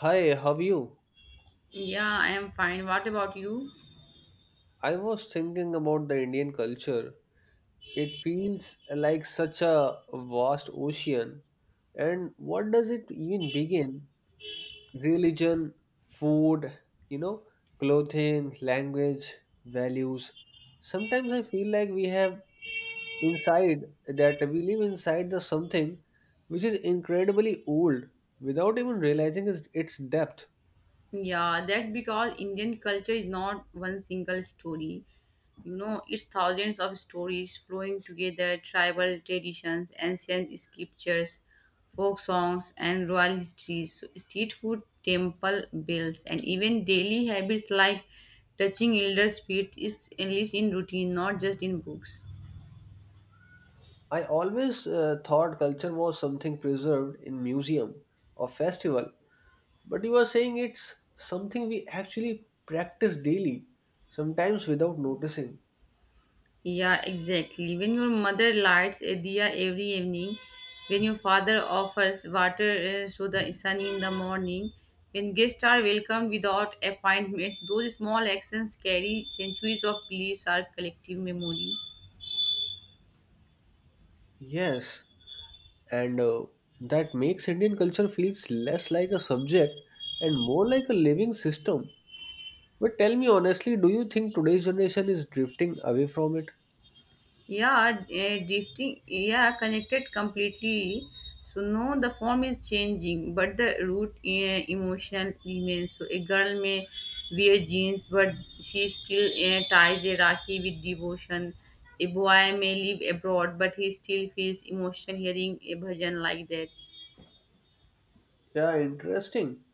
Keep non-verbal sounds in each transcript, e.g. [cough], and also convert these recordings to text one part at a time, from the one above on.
Hi, how are you? Yeah, I am fine. What about you? I was thinking about the Indian culture. It feels like such a vast ocean. And what does it even begin? Religion, food, you know, clothing, language, values. Sometimes I feel like we have inside that we live inside the something which is incredibly old without even realizing its depth. Yeah, that's because Indian culture is not one single story. You know, it's thousands of stories flowing together, tribal traditions, ancient scriptures, folk songs, and royal histories. So, street food, temple bells, and even daily habits like touching elders' feet is lives in routine, not just in books. I always thought culture was something preserved in museum or festival, but you are saying it's something we actually practice daily, sometimes without noticing. Yeah, exactly. When your mother lights a diya every evening, when your father offers water to the sun in the morning, when guests are welcomed without appointments, those small actions carry centuries of beliefs or collective memory. Yes, and that makes Indian culture feels less like a subject and more like a living system. But tell me honestly, do you think today's generation is drifting away from it? Yeah, drifting. Yeah, connected completely. So no, the form is changing, but the root emotional remains. So a girl may wear jeans, but she still ties a rakhi with devotion. A boy may live abroad, but he still feels emotional hearing a bhajan like that. Yeah, interesting.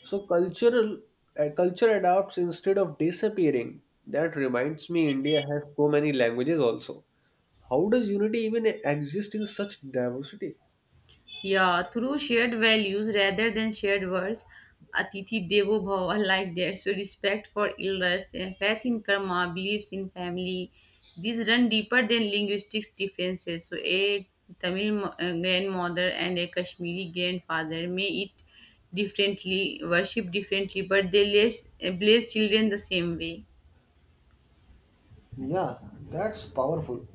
So cultural culture adapts instead of disappearing. That reminds me, India has so many languages also. How does unity even exist in such diversity? Yeah, through shared values rather than shared words, Atithi Devo Bhava, like that. So, respect for elders, faith in karma, beliefs in family, these run deeper than linguistics differences. So, a grandmother and a Kashmiri grandfather may eat differently, worship differently, but they bless children the same way. Yeah, that's powerful.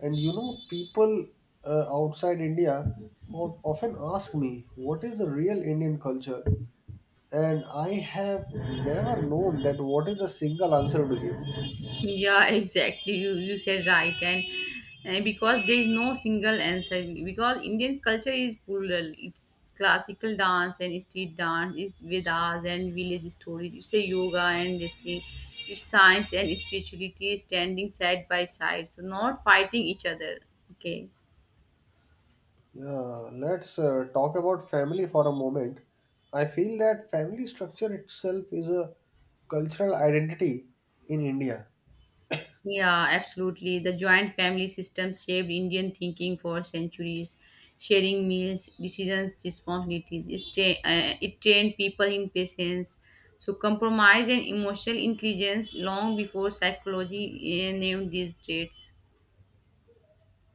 And you know, people outside India often ask me, what is the real Indian culture? And I have never known that what is a single answer to give. Yeah, exactly. You said right, and because there is no single answer, because Indian culture is plural. It's classical dance and street dance. It's Vedas and village stories. It's a yoga and wrestling. It's science and spirituality standing side by side, so not fighting each other. Okay. Yeah, let's talk about family for a moment. I feel that family structure itself is a cultural identity in India. Yeah, absolutely. The joint family system shaped Indian thinking for centuries. Sharing meals, decisions, responsibilities. It trained people in patience. So, compromise and emotional intelligence long before psychology named these traits.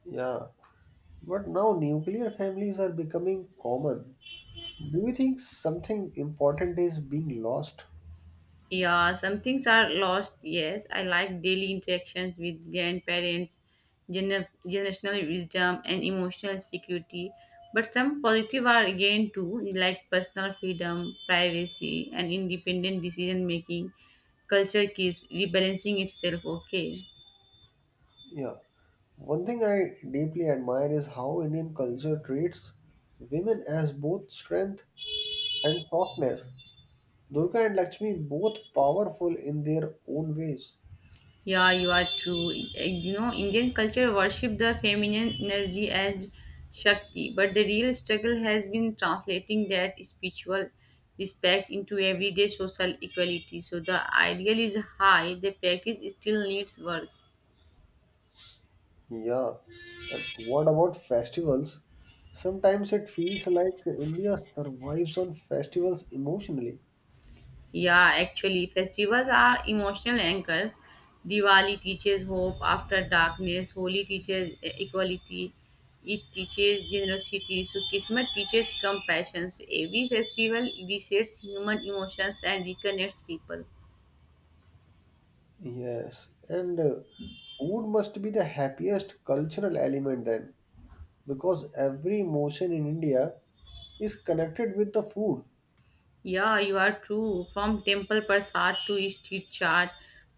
Yeah, but now nuclear families are becoming common. Do you think something important is being lost? Yeah, some things are lost. Yes, I like daily interactions with grandparents, generational wisdom, and emotional security. But some positive are again too, like personal freedom, privacy, and independent decision making. Culture keeps rebalancing itself. Okay. Yeah, one thing I deeply admire is how Indian culture treats women as both strength and softness. Durga and Lakshmi both powerful in their own ways. Yeah, you are true. You know, Indian culture worship the feminine energy as Shakti, but the real struggle has been translating that spiritual respect into everyday social equality. So the ideal is high, the practice still needs work. Yeah. And what about festivals? Sometimes it feels like India survives on festivals emotionally. Yeah, actually, festivals are emotional anchors. Diwali teaches hope after darkness, Holi teaches equality, it teaches generosity, so Kismet teaches compassion. So every festival resets human emotions and reconnects people. Yes. And food must be the happiest cultural element then, because every emotion in India is connected with the food. Yeah, you are true. From temple prasad to street chart,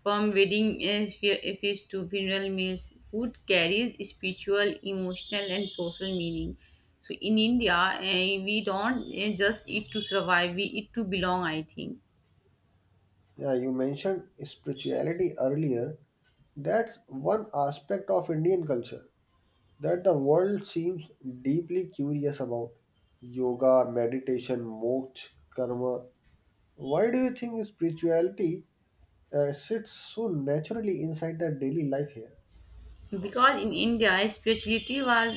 from wedding feast to funeral meals, food carries spiritual, emotional, and social meaning. So in India, we don't just eat to survive; we eat to belong. I think. Yeah, you mentioned spirituality earlier. That's one aspect of Indian culture that the world seems deeply curious about. Yoga, meditation, moksha, karma. Why do you think spirituality sits so naturally inside the daily life here? Because in India, spirituality was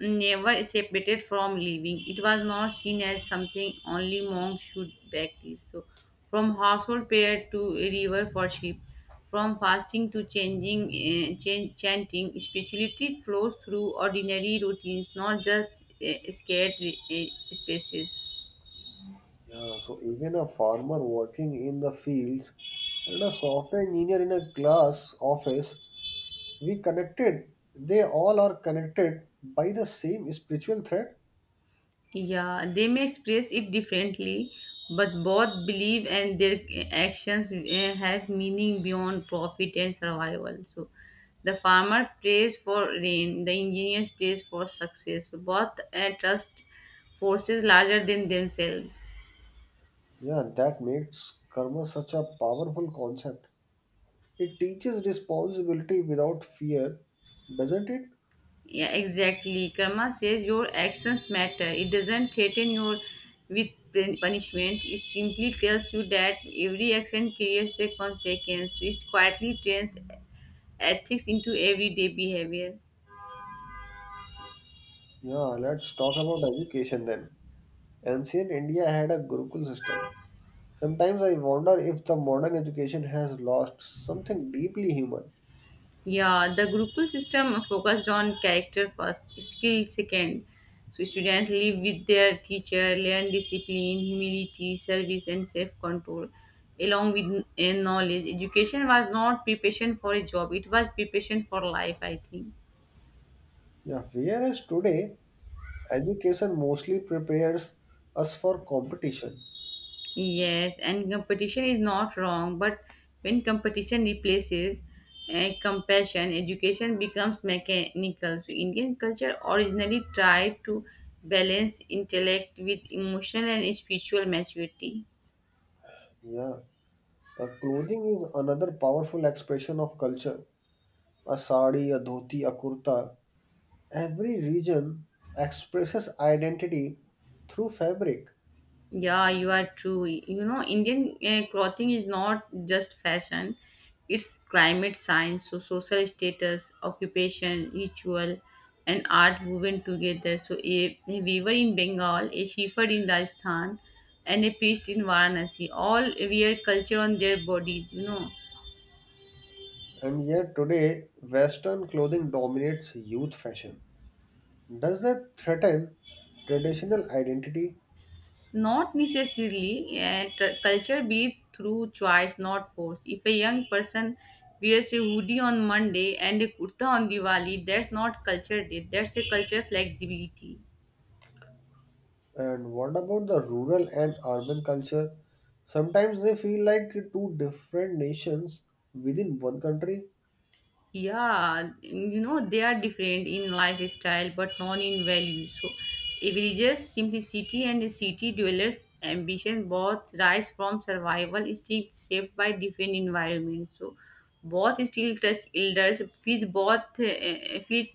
never separated from living. It was not seen as something only monks should practice. So, from household prayer to river worship, from fasting to chanting, spirituality flows through ordinary routines, not just scared spaces. Yeah, so even a farmer working in the fields and a software engineer in a glass office, we connected. They all are connected by the same spiritual thread. Yeah, they may express it differently, but both believe and their actions have meaning beyond profit and survival. So, the farmer prays for rain, the engineer prays for success. So both trust forces larger than themselves. Yeah, that makes karma such a powerful concept. It teaches responsibility without fear, doesn't it? Yeah, exactly. Karma says your actions matter. It doesn't threaten you with punishment. It simply tells you that every action creates a consequence, which quietly trains ethics into everyday behavior. Yeah, let's talk about education then. Ancient India had a Gurukul system. Sometimes I wonder if the modern education has lost something deeply human. Yeah, the Gurukul system focused on character first, skill second. So students live with their teacher, learn discipline, humility, service, and self-control, along with knowledge. Education was not preparation for a job; it was preparation for life. I think. Yeah, whereas today, education mostly prepares us for competition. Yes, and competition is not wrong, but when competition replaces compassion, education becomes mechanical. So, Indian culture originally tried to balance intellect with emotional and spiritual maturity. Yeah, clothing is another powerful expression of culture. A sari, a dhoti, a kurta. Every region expresses identity through fabric. Yeah, you are true. You know, Indian clothing is not just fashion, it's climate science, so social status, occupation, ritual, and art woven together. So, a weaver in Bengal, a shepherd in Rajasthan, and a priest in Varanasi all wear culture on their bodies, you know. And yet today, Western clothing dominates youth fashion. Does that threaten traditional identity? Not necessarily, and culture breeds through choice, not force. If a young person wears a hoodie on Monday and a kurta on Diwali, that's not culture day, that's a culture flexibility. And what about the rural and urban culture? Sometimes they feel like two different nations within one country. Yeah, you know, they are different in lifestyle but not in values. So villagers simplicity and city dwellers ambition both rise from survival instinct shaped by different environments. So both still trust elders, with both uh, with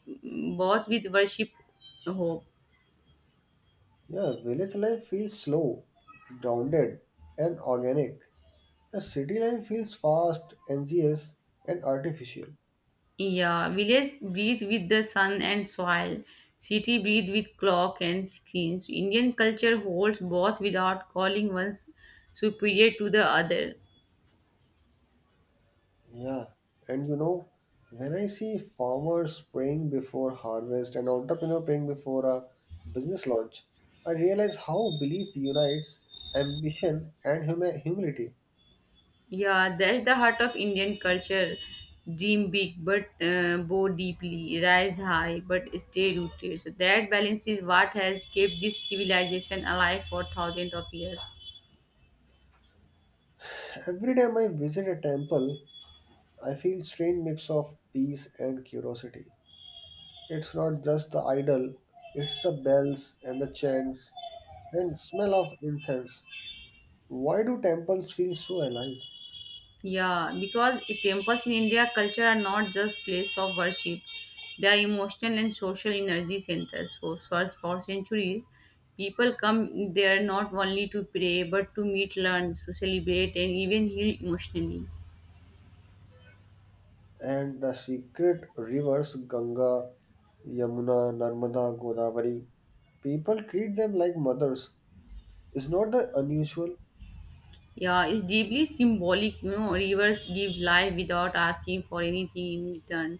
both with worship, hope. Yeah, village life feels slow, grounded, and organic. A city life feels fast, anxious, and artificial. Yeah, village breathe with the sun and soil. City breathe with clock and screens. Indian culture holds both without calling one superior to the other. Yeah, and you know, when I see farmers praying before harvest and entrepreneur praying before a business launch, I realize how belief unites ambition and humility. Yeah, that's the heart of Indian culture. Dream big but bow deeply, rise high but stay rooted. So that balance is what has kept this civilization alive for thousands of years. Every time I visit a temple, I feel strange mix of peace and curiosity. It's not just the idol, it's the bells and the chants and smell of incense. Why do temples feel so alive? Yeah, because temples in India culture are not just place of worship; they are emotional and social energy centers. For centuries, people come there not only to pray but to meet, learn, to celebrate, and even heal emotionally. And the secret rivers Ganga, Yamuna, Narmada, Godavari, people treat them like mothers. Is not that unusual? Yeah, it's deeply symbolic. You know, rivers give life without asking for anything in return.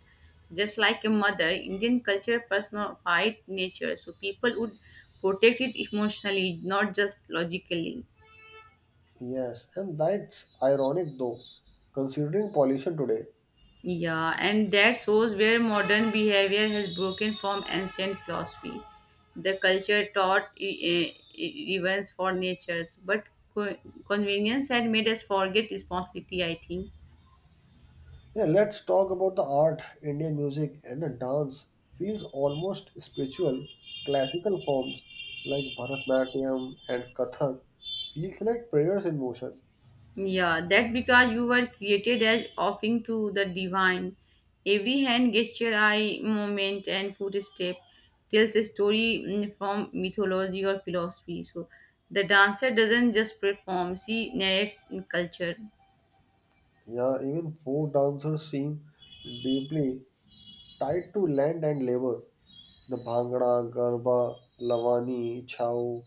Just like a mother, Indian culture personified nature, so people would protect it emotionally, not just logically. Yes, and that's ironic though, considering pollution today. Yeah, and that shows where modern behavior has broken from ancient philosophy. The culture taught reverence for nature, but co- convenience had made us forget responsibility, I think. Yeah, let's talk about the art, Indian music, and the dance. Feels almost spiritual. Classical forms like Bharatanatyam and Kathak feels like prayers in motion. Yeah, that because you were created as offering to the divine. Every hand gesture, eye movement, and footstep tells a story from mythology or philosophy. So the dancer doesn't just perform, she narrates culture. Yeah, even folk dancers seem deeply tied to land and labor. The Bhangra, Garba, Lavani, Chhau.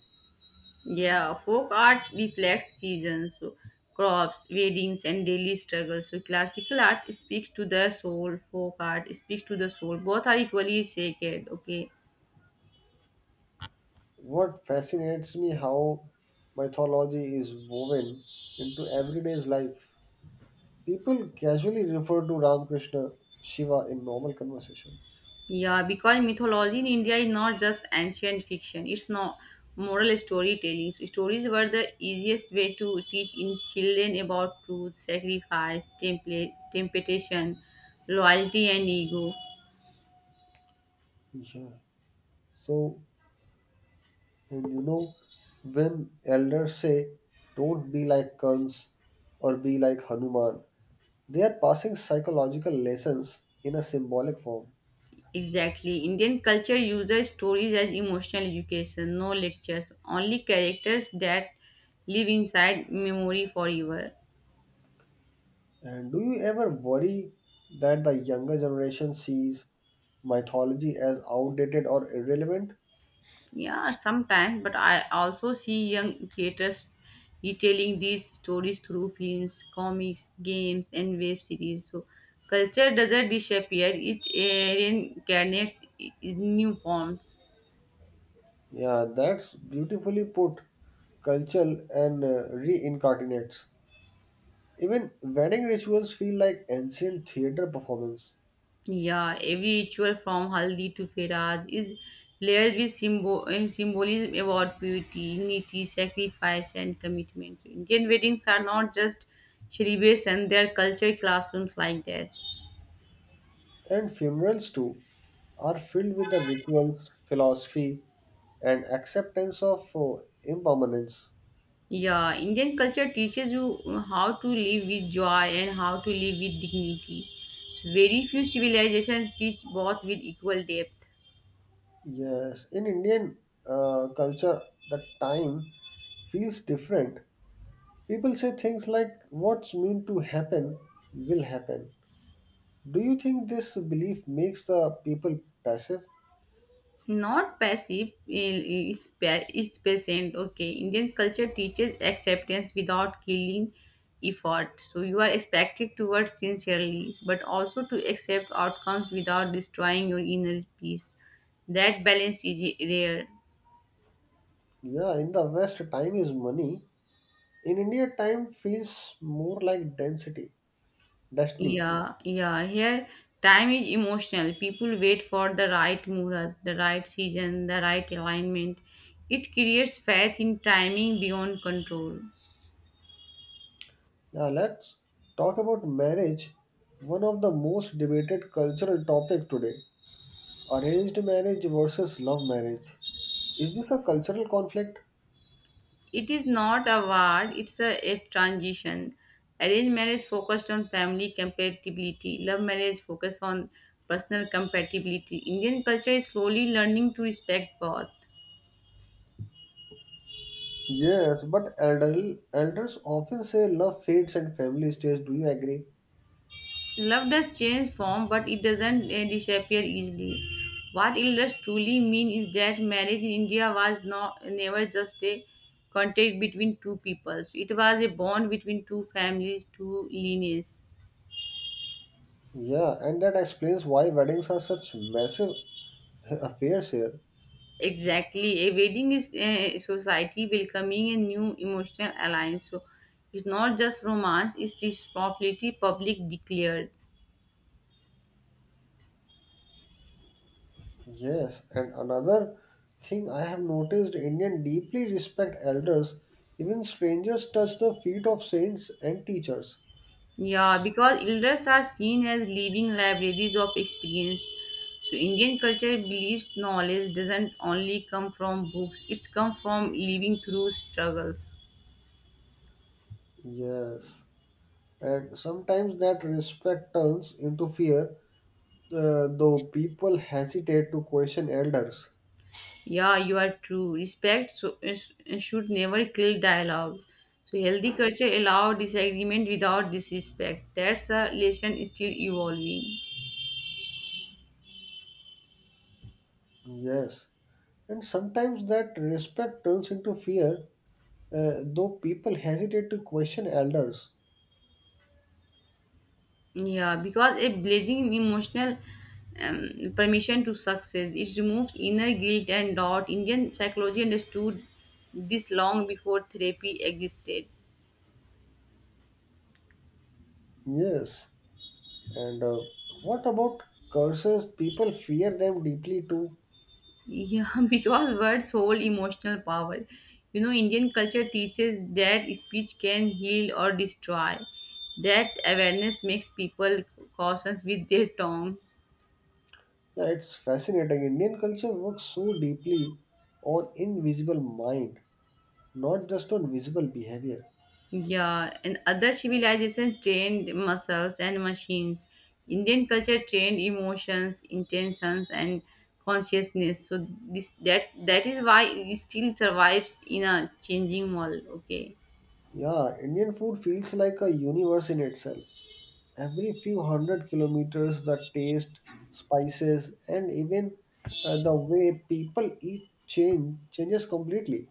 Yeah, folk art reflects seasons, so crops, weddings, and daily struggles. So classical art speaks to the soul, folk art speaks to the soul. Both are equally sacred, okay? What fascinates me how mythology is woven into everyday's life. People casually refer to Ramakrishna Shiva in normal conversation. Yeah, because mythology in India is not just ancient fiction, it's not moral storytelling. So stories were the easiest way to teach in children about truth, sacrifice, temptation, loyalty, and ego. Yeah. So, and you know, when elders say, don't be like Kans or be like Hanuman, they are passing psychological lessons in a symbolic form. Exactly. Indian culture uses stories as emotional education, no lectures, only characters that live inside memory forever. And do you ever worry that the younger generation sees mythology as outdated or irrelevant? Yeah, sometimes, but I also see young creators retelling these stories through films, comics, games, and web series. So, culture doesn't disappear, it reincarnates in new forms. Yeah, that's beautifully put. Cultural and reincarnates. Even wedding rituals feel like ancient theater performance, Yeah, every ritual from Haldi to Feraz is layered with symbolism about purity, unity, sacrifice, and commitment. So Indian weddings are not just celebrations, they are culture classrooms like that. and funerals too are filled with the rituals, philosophy, and acceptance of impermanence. Yeah, Indian culture teaches you how to live with joy and how to live with dignity. So very few civilizations teach both with equal depth. Yes, in Indian culture, the time feels different. People say things like, what's meant to happen will happen. Do you think this belief makes the people passive? Not passive, is patient, okay? Indian culture teaches acceptance without killing effort. So you are expected to work sincerely but also to accept outcomes without destroying your inner peace. That balance is rare. Yeah, in the West, time is money. In India, time feels more like density, destiny. Yeah, here time is emotional. People wait for the right murat, the right season, the right alignment. It creates faith in timing beyond control. Now let's talk about marriage, one of the most debated cultural topic today. Arranged marriage versus love marriage. Is this a cultural conflict? It is not a ward, it's a transition. Arranged marriage focused on family compatibility, love marriage focused on personal compatibility. Indian culture is slowly learning to respect both. Yes, but elders often say love fades and family stays. Do you agree? Love does change form, but it doesn't disappear easily. What it does truly mean is that marriage in India was not never just a contact between two peoples. It was a bond between two families, two lineages. Yeah, and that explains why weddings are such massive [laughs] affairs here. Exactly. A wedding is society welcoming a new emotional alliance. So it's not just romance, it's responsibility public declared. Yes, and another thing I have noticed Indian deeply respect elders. Even strangers touch the feet of saints and teachers. Yeah, because elders are seen as living libraries of experience. So Indian culture believes knowledge doesn't only come from books, it's come from living through struggles. Yes, and sometimes that respect turns into fear, though people hesitate to question elders. Yeah, you are true. Respect should never kill dialogue. So healthy culture allow disagreement without disrespect. That's a lesson still evolving. Yes, and sometimes that respect turns into fear, though people hesitate to question elders. Yeah, because a blazing emotional permission to success. It removes inner guilt and doubt. Indian psychology understood this long before therapy existed. Yes, and what about curses? People fear them deeply too. Yeah, [laughs] because words hold emotional power. You know, Indian culture teaches that speech can heal or destroy. That awareness makes people cautious with their tongue. Yeah, it's fascinating. Indian culture works so deeply on invisible mind, not just on visible behavior. Yeah, and other civilizations trained muscles and machines. Indian culture trained emotions, intentions, and consciousness. So this that is why it still survives in a changing world. Okay. Yeah, Indian food feels like a universe in itself. Every few hundred kilometers, the taste, spices, and even the way people eat changes completely.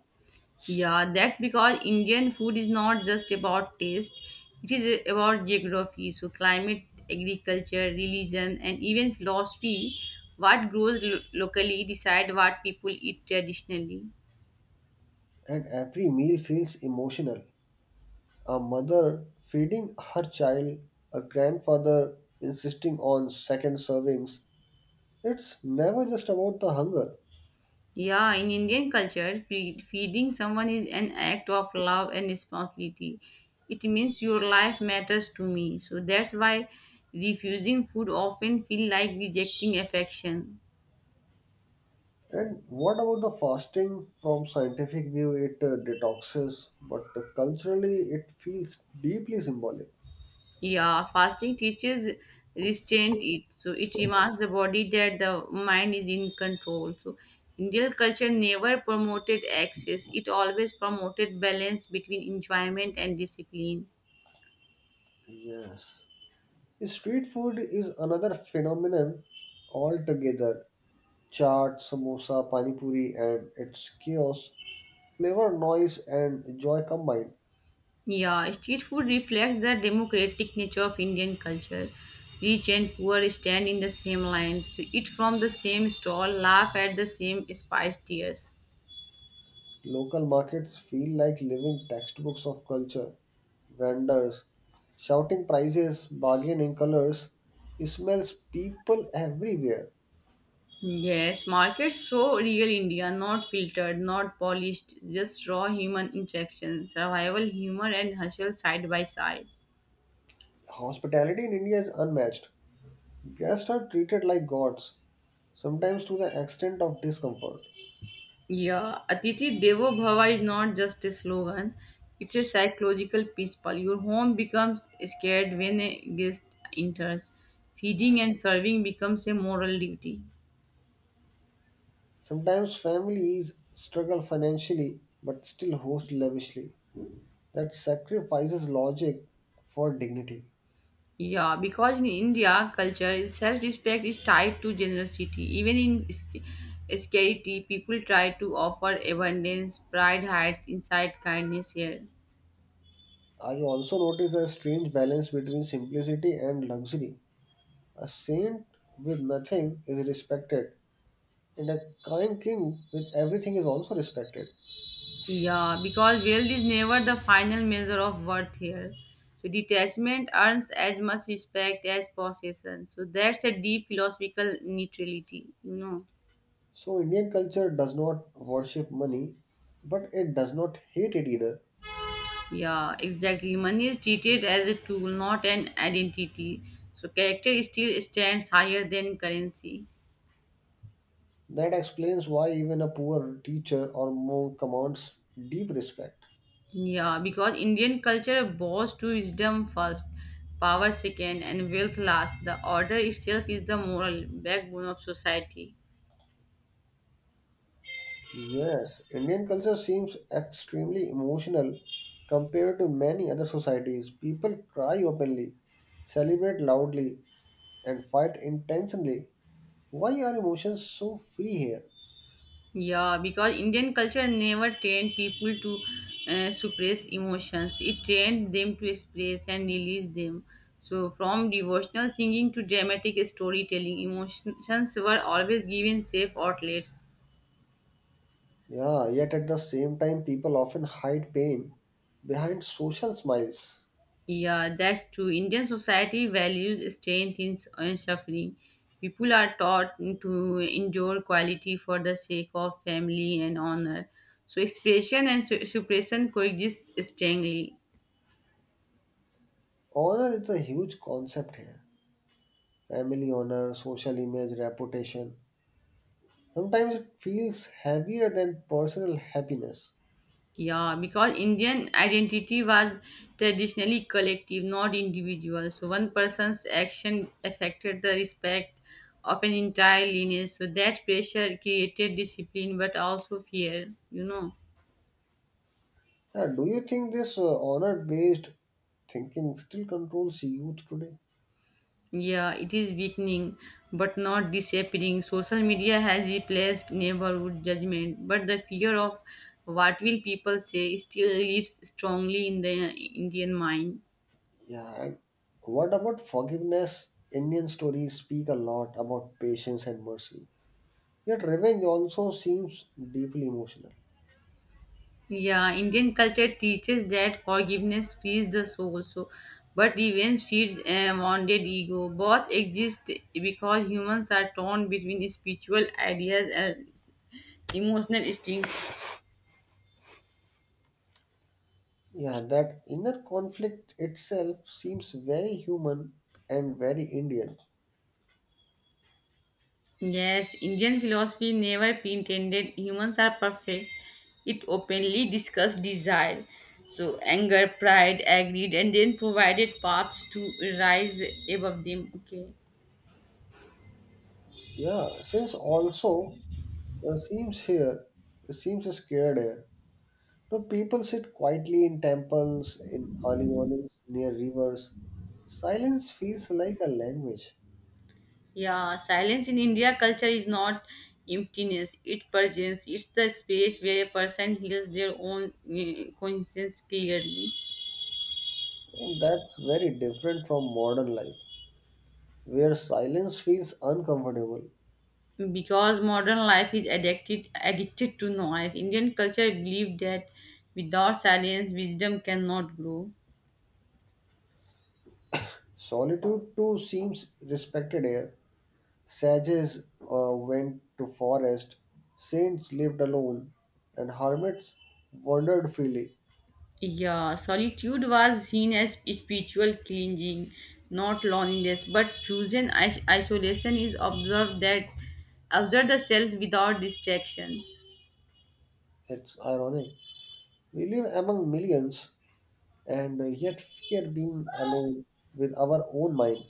Yeah, that's because Indian food is not just about taste, it is about geography, so climate, agriculture, religion, and even philosophy. What grows locally decide what people eat traditionally. And every meal feels emotional. A mother feeding her child, a grandfather insisting on second servings, it's never just about the hunger. Yeah, in Indian culture, feeding someone is an act of love and responsibility. It means your life matters to me. So that's why refusing food often feel like rejecting affection. And what about the fasting? From scientific view, it detoxes, but culturally, it feels deeply symbolic. Yeah, fasting teaches restraint. It so it reminds the body that the mind is in control. So Indian culture never promoted excess; it always promoted balance between enjoyment and discipline. Yes. Street food is another phenomenon altogether. Chaat, samosa, pani puri, and its chaos, flavor, noise, and joy combined. Yeah, street food reflects the democratic nature of Indian culture. Rich and poor stand in the same line, so eat from the same stall, laugh at the same spice tears. Local markets feel like living textbooks of culture. Vendors shouting prices, bargaining colors, smells, people everywhere. Yes, markets show real India, not filtered, not polished, just raw human interaction, survival, humor, and hustle side by side. Hospitality in India is unmatched. Guests are treated like gods, sometimes to the extent of discomfort. Yeah, Atithi Devo Bhava is not just a slogan, it's a psychological principle. Your home becomes scared when a guest enters, feeding and serving becomes a moral duty. Sometimes families struggle financially but still host lavishly. That sacrifices logic for dignity. Yeah, because in India, culture, self-respect is tied to generosity. Even in scarcity, people try to offer abundance. Pride hides inside kindness here. I also notice a strange balance between simplicity and luxury. A saint with nothing is respected, and a kind king with everything is also respected. Yeah, because wealth is never the final measure of worth here. So detachment earns as much respect as possession. So that's a deep philosophical neutrality, So, Indian culture does not worship money, but it does not hate it either. Yeah, exactly. Money is treated as a tool, not an identity. So character still stands higher than currency. That explains why even a poor teacher or monk commands deep respect. Yeah, because Indian culture bows to wisdom first, power second, and wealth last. The order itself is the moral backbone of society. Yes, Indian culture seems extremely emotional compared to many other societies. People cry openly, celebrate loudly, and fight intensely. Why are emotions so free here? Yeah, because Indian culture never trained people to suppress emotions, it trained them to express and release them. So, from devotional singing to dramatic storytelling, emotions were always given safe outlets. Yeah, yet at the same time, people often hide pain behind social smiles. Yeah, that's true. Indian society values strength in suffering. People are taught to endure quality for the sake of family and honor. So expression and suppression coexist strongly. Honor is a huge concept here. Family honor, social image, reputation. Sometimes it feels heavier than personal happiness. Yeah, because Indian identity was traditionally collective, not individual. So one person's action affected the respect of an entire lineage. So that pressure created discipline, but also fear. You know. Yeah, do you think this honor based thinking still controls youth today? Yeah, it is weakening but not disappearing. Social media has replaced neighborhood judgment, but the fear of what will people say still lives strongly in the Indian mind. Yeah, and what about forgiveness? Indian stories speak a lot about patience and mercy. Yet revenge also seems deeply emotional. Yeah, Indian culture teaches that forgiveness frees the soul, so but revenge feeds a wounded ego. Both exist because humans are torn between spiritual ideas and emotional instincts. Yeah, that inner conflict itself seems very human and very Indian. Yes, Indian philosophy never pretended humans are perfect. It openly discussed desire, so anger, pride, agreed, and then provided paths to rise above them. Okay, Yeah, since also uh, seems here, seems scared here. No, people sit quietly in temples, in early mornings, near rivers. Silence feels like a language. yeah, silence in India culture is not emptiness, it presence, it's the space where a person hears their own conscience clearly. And that's very different from modern life, where silence feels uncomfortable. Because modern life is addicted to noise. Indian culture believed that without silence wisdom cannot grow. Solitude too seems respected here. Sages went to forest, saints lived alone, and hermits wandered freely. Yeah, solitude was seen as spiritual cleansing, not loneliness. But chosen isolation is observed that observe the cells without distraction. It's ironic. We live among millions and yet fear being alone with our own mind.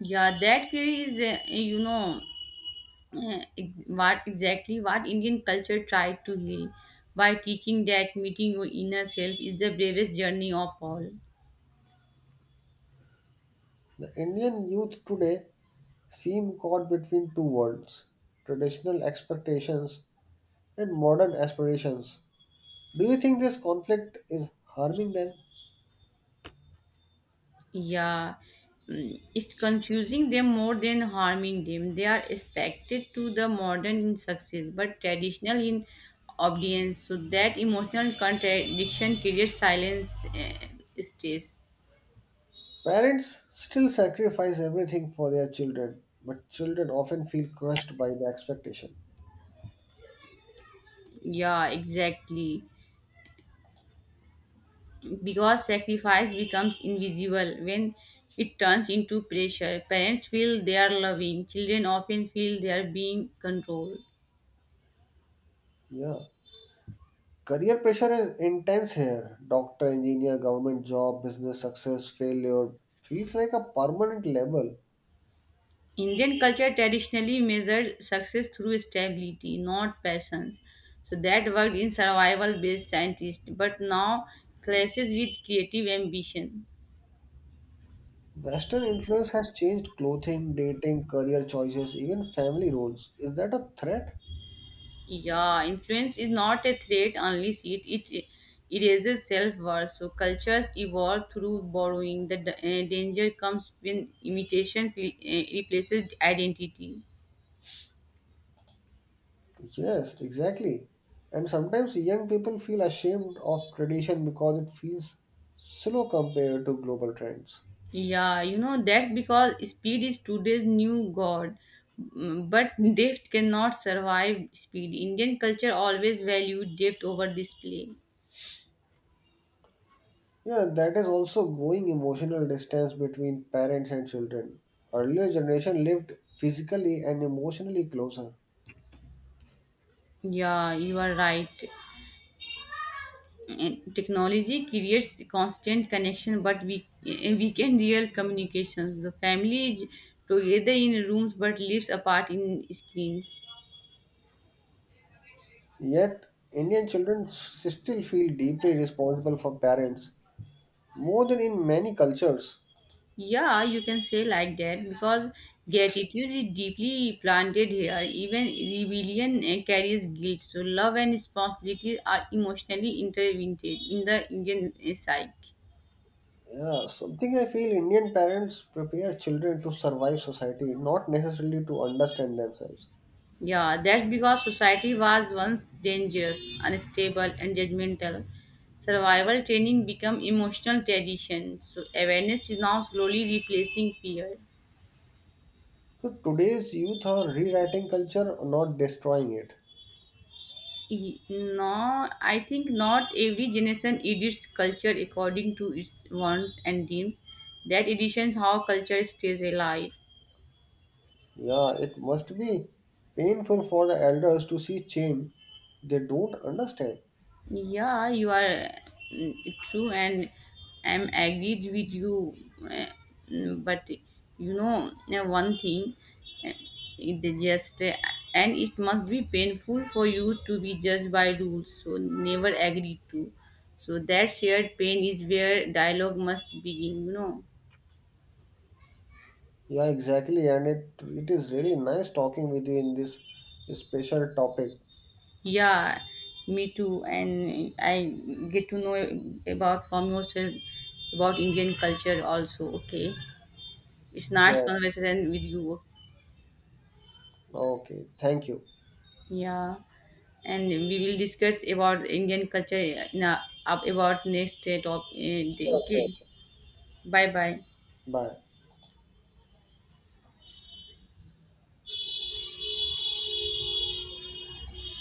Yeah, that fear is, what exactly what Indian culture tried to heal by teaching that meeting your inner self is the bravest journey of all. The Indian youth today seem caught between two worlds, traditional expectations and modern aspirations. Do you think this conflict is harming them? Yeah, it's confusing them more than harming them. They are expected to the modern in success, but traditional in obedience. So that emotional contradiction creates silence stress. Parents still sacrifice everything for their children, but children often feel crushed by the expectation. Yeah, exactly. Because sacrifice becomes invisible when it turns into pressure. Parents feel they are loving. Children often feel they are being controlled. Yeah. Career pressure is intense here. Doctor, engineer, government job, business, success, failure feels like a permanent label. Indian culture traditionally measured success through stability, not passions. So that worked in survival based scientists, but now clashes with creative ambition. Western influence has changed clothing, dating, career choices, even family roles. Is that a threat? Yeah, influence is not a threat unless it erases self worth. So cultures evolve through borrowing. The danger comes when imitation replaces identity. Yes, exactly. And sometimes young people feel ashamed of tradition because it feels slow compared to global trends. Yeah, that's because speed is today's new god. But depth cannot survive speed. Indian culture always valued depth over display. Yeah, that is also growing emotional distance between parents and children. Earlier generation lived physically and emotionally closer. Yeah, you are right. And technology creates constant connection, but we we can real communications. The family is together in rooms but lives apart in screens. Yet, Indian children still feel deeply responsible for parents, more than in many cultures. Yeah, you can say like that because gratitude is deeply planted here. Even rebellion carries guilt. So love and responsibility are emotionally intertwined in the Indian psyche. Yeah, something I feel Indian parents prepare children to survive society, not necessarily to understand themselves. Yeah, that's because society was once dangerous, unstable, and judgmental. Survival training became emotional tradition. So awareness is now slowly replacing fear. So today's youth are rewriting culture, not destroying it. No, I think not every generation edits culture according to its wants and dreams. That editions how culture stays alive. Yeah, it must be painful for the elders to see change they don't understand. Yeah, you are true, and I'm agreed with you. uh, But one thing, uh, it just and it must be painful for you to be judged by rules. So never agree to. So that shared pain is where dialogue must begin. You know. Yeah, exactly. And it is really nice talking with you in this special topic. Yeah, me too. And I get to know about from yourself about Indian culture also. Okay, it's nice Yeah. conversation with you. Okay. Thank you. Yeah, and we will discuss about Indian culture in a, about next day. Top, day. Sure, sure, Okay, sure. bye bye. Bye.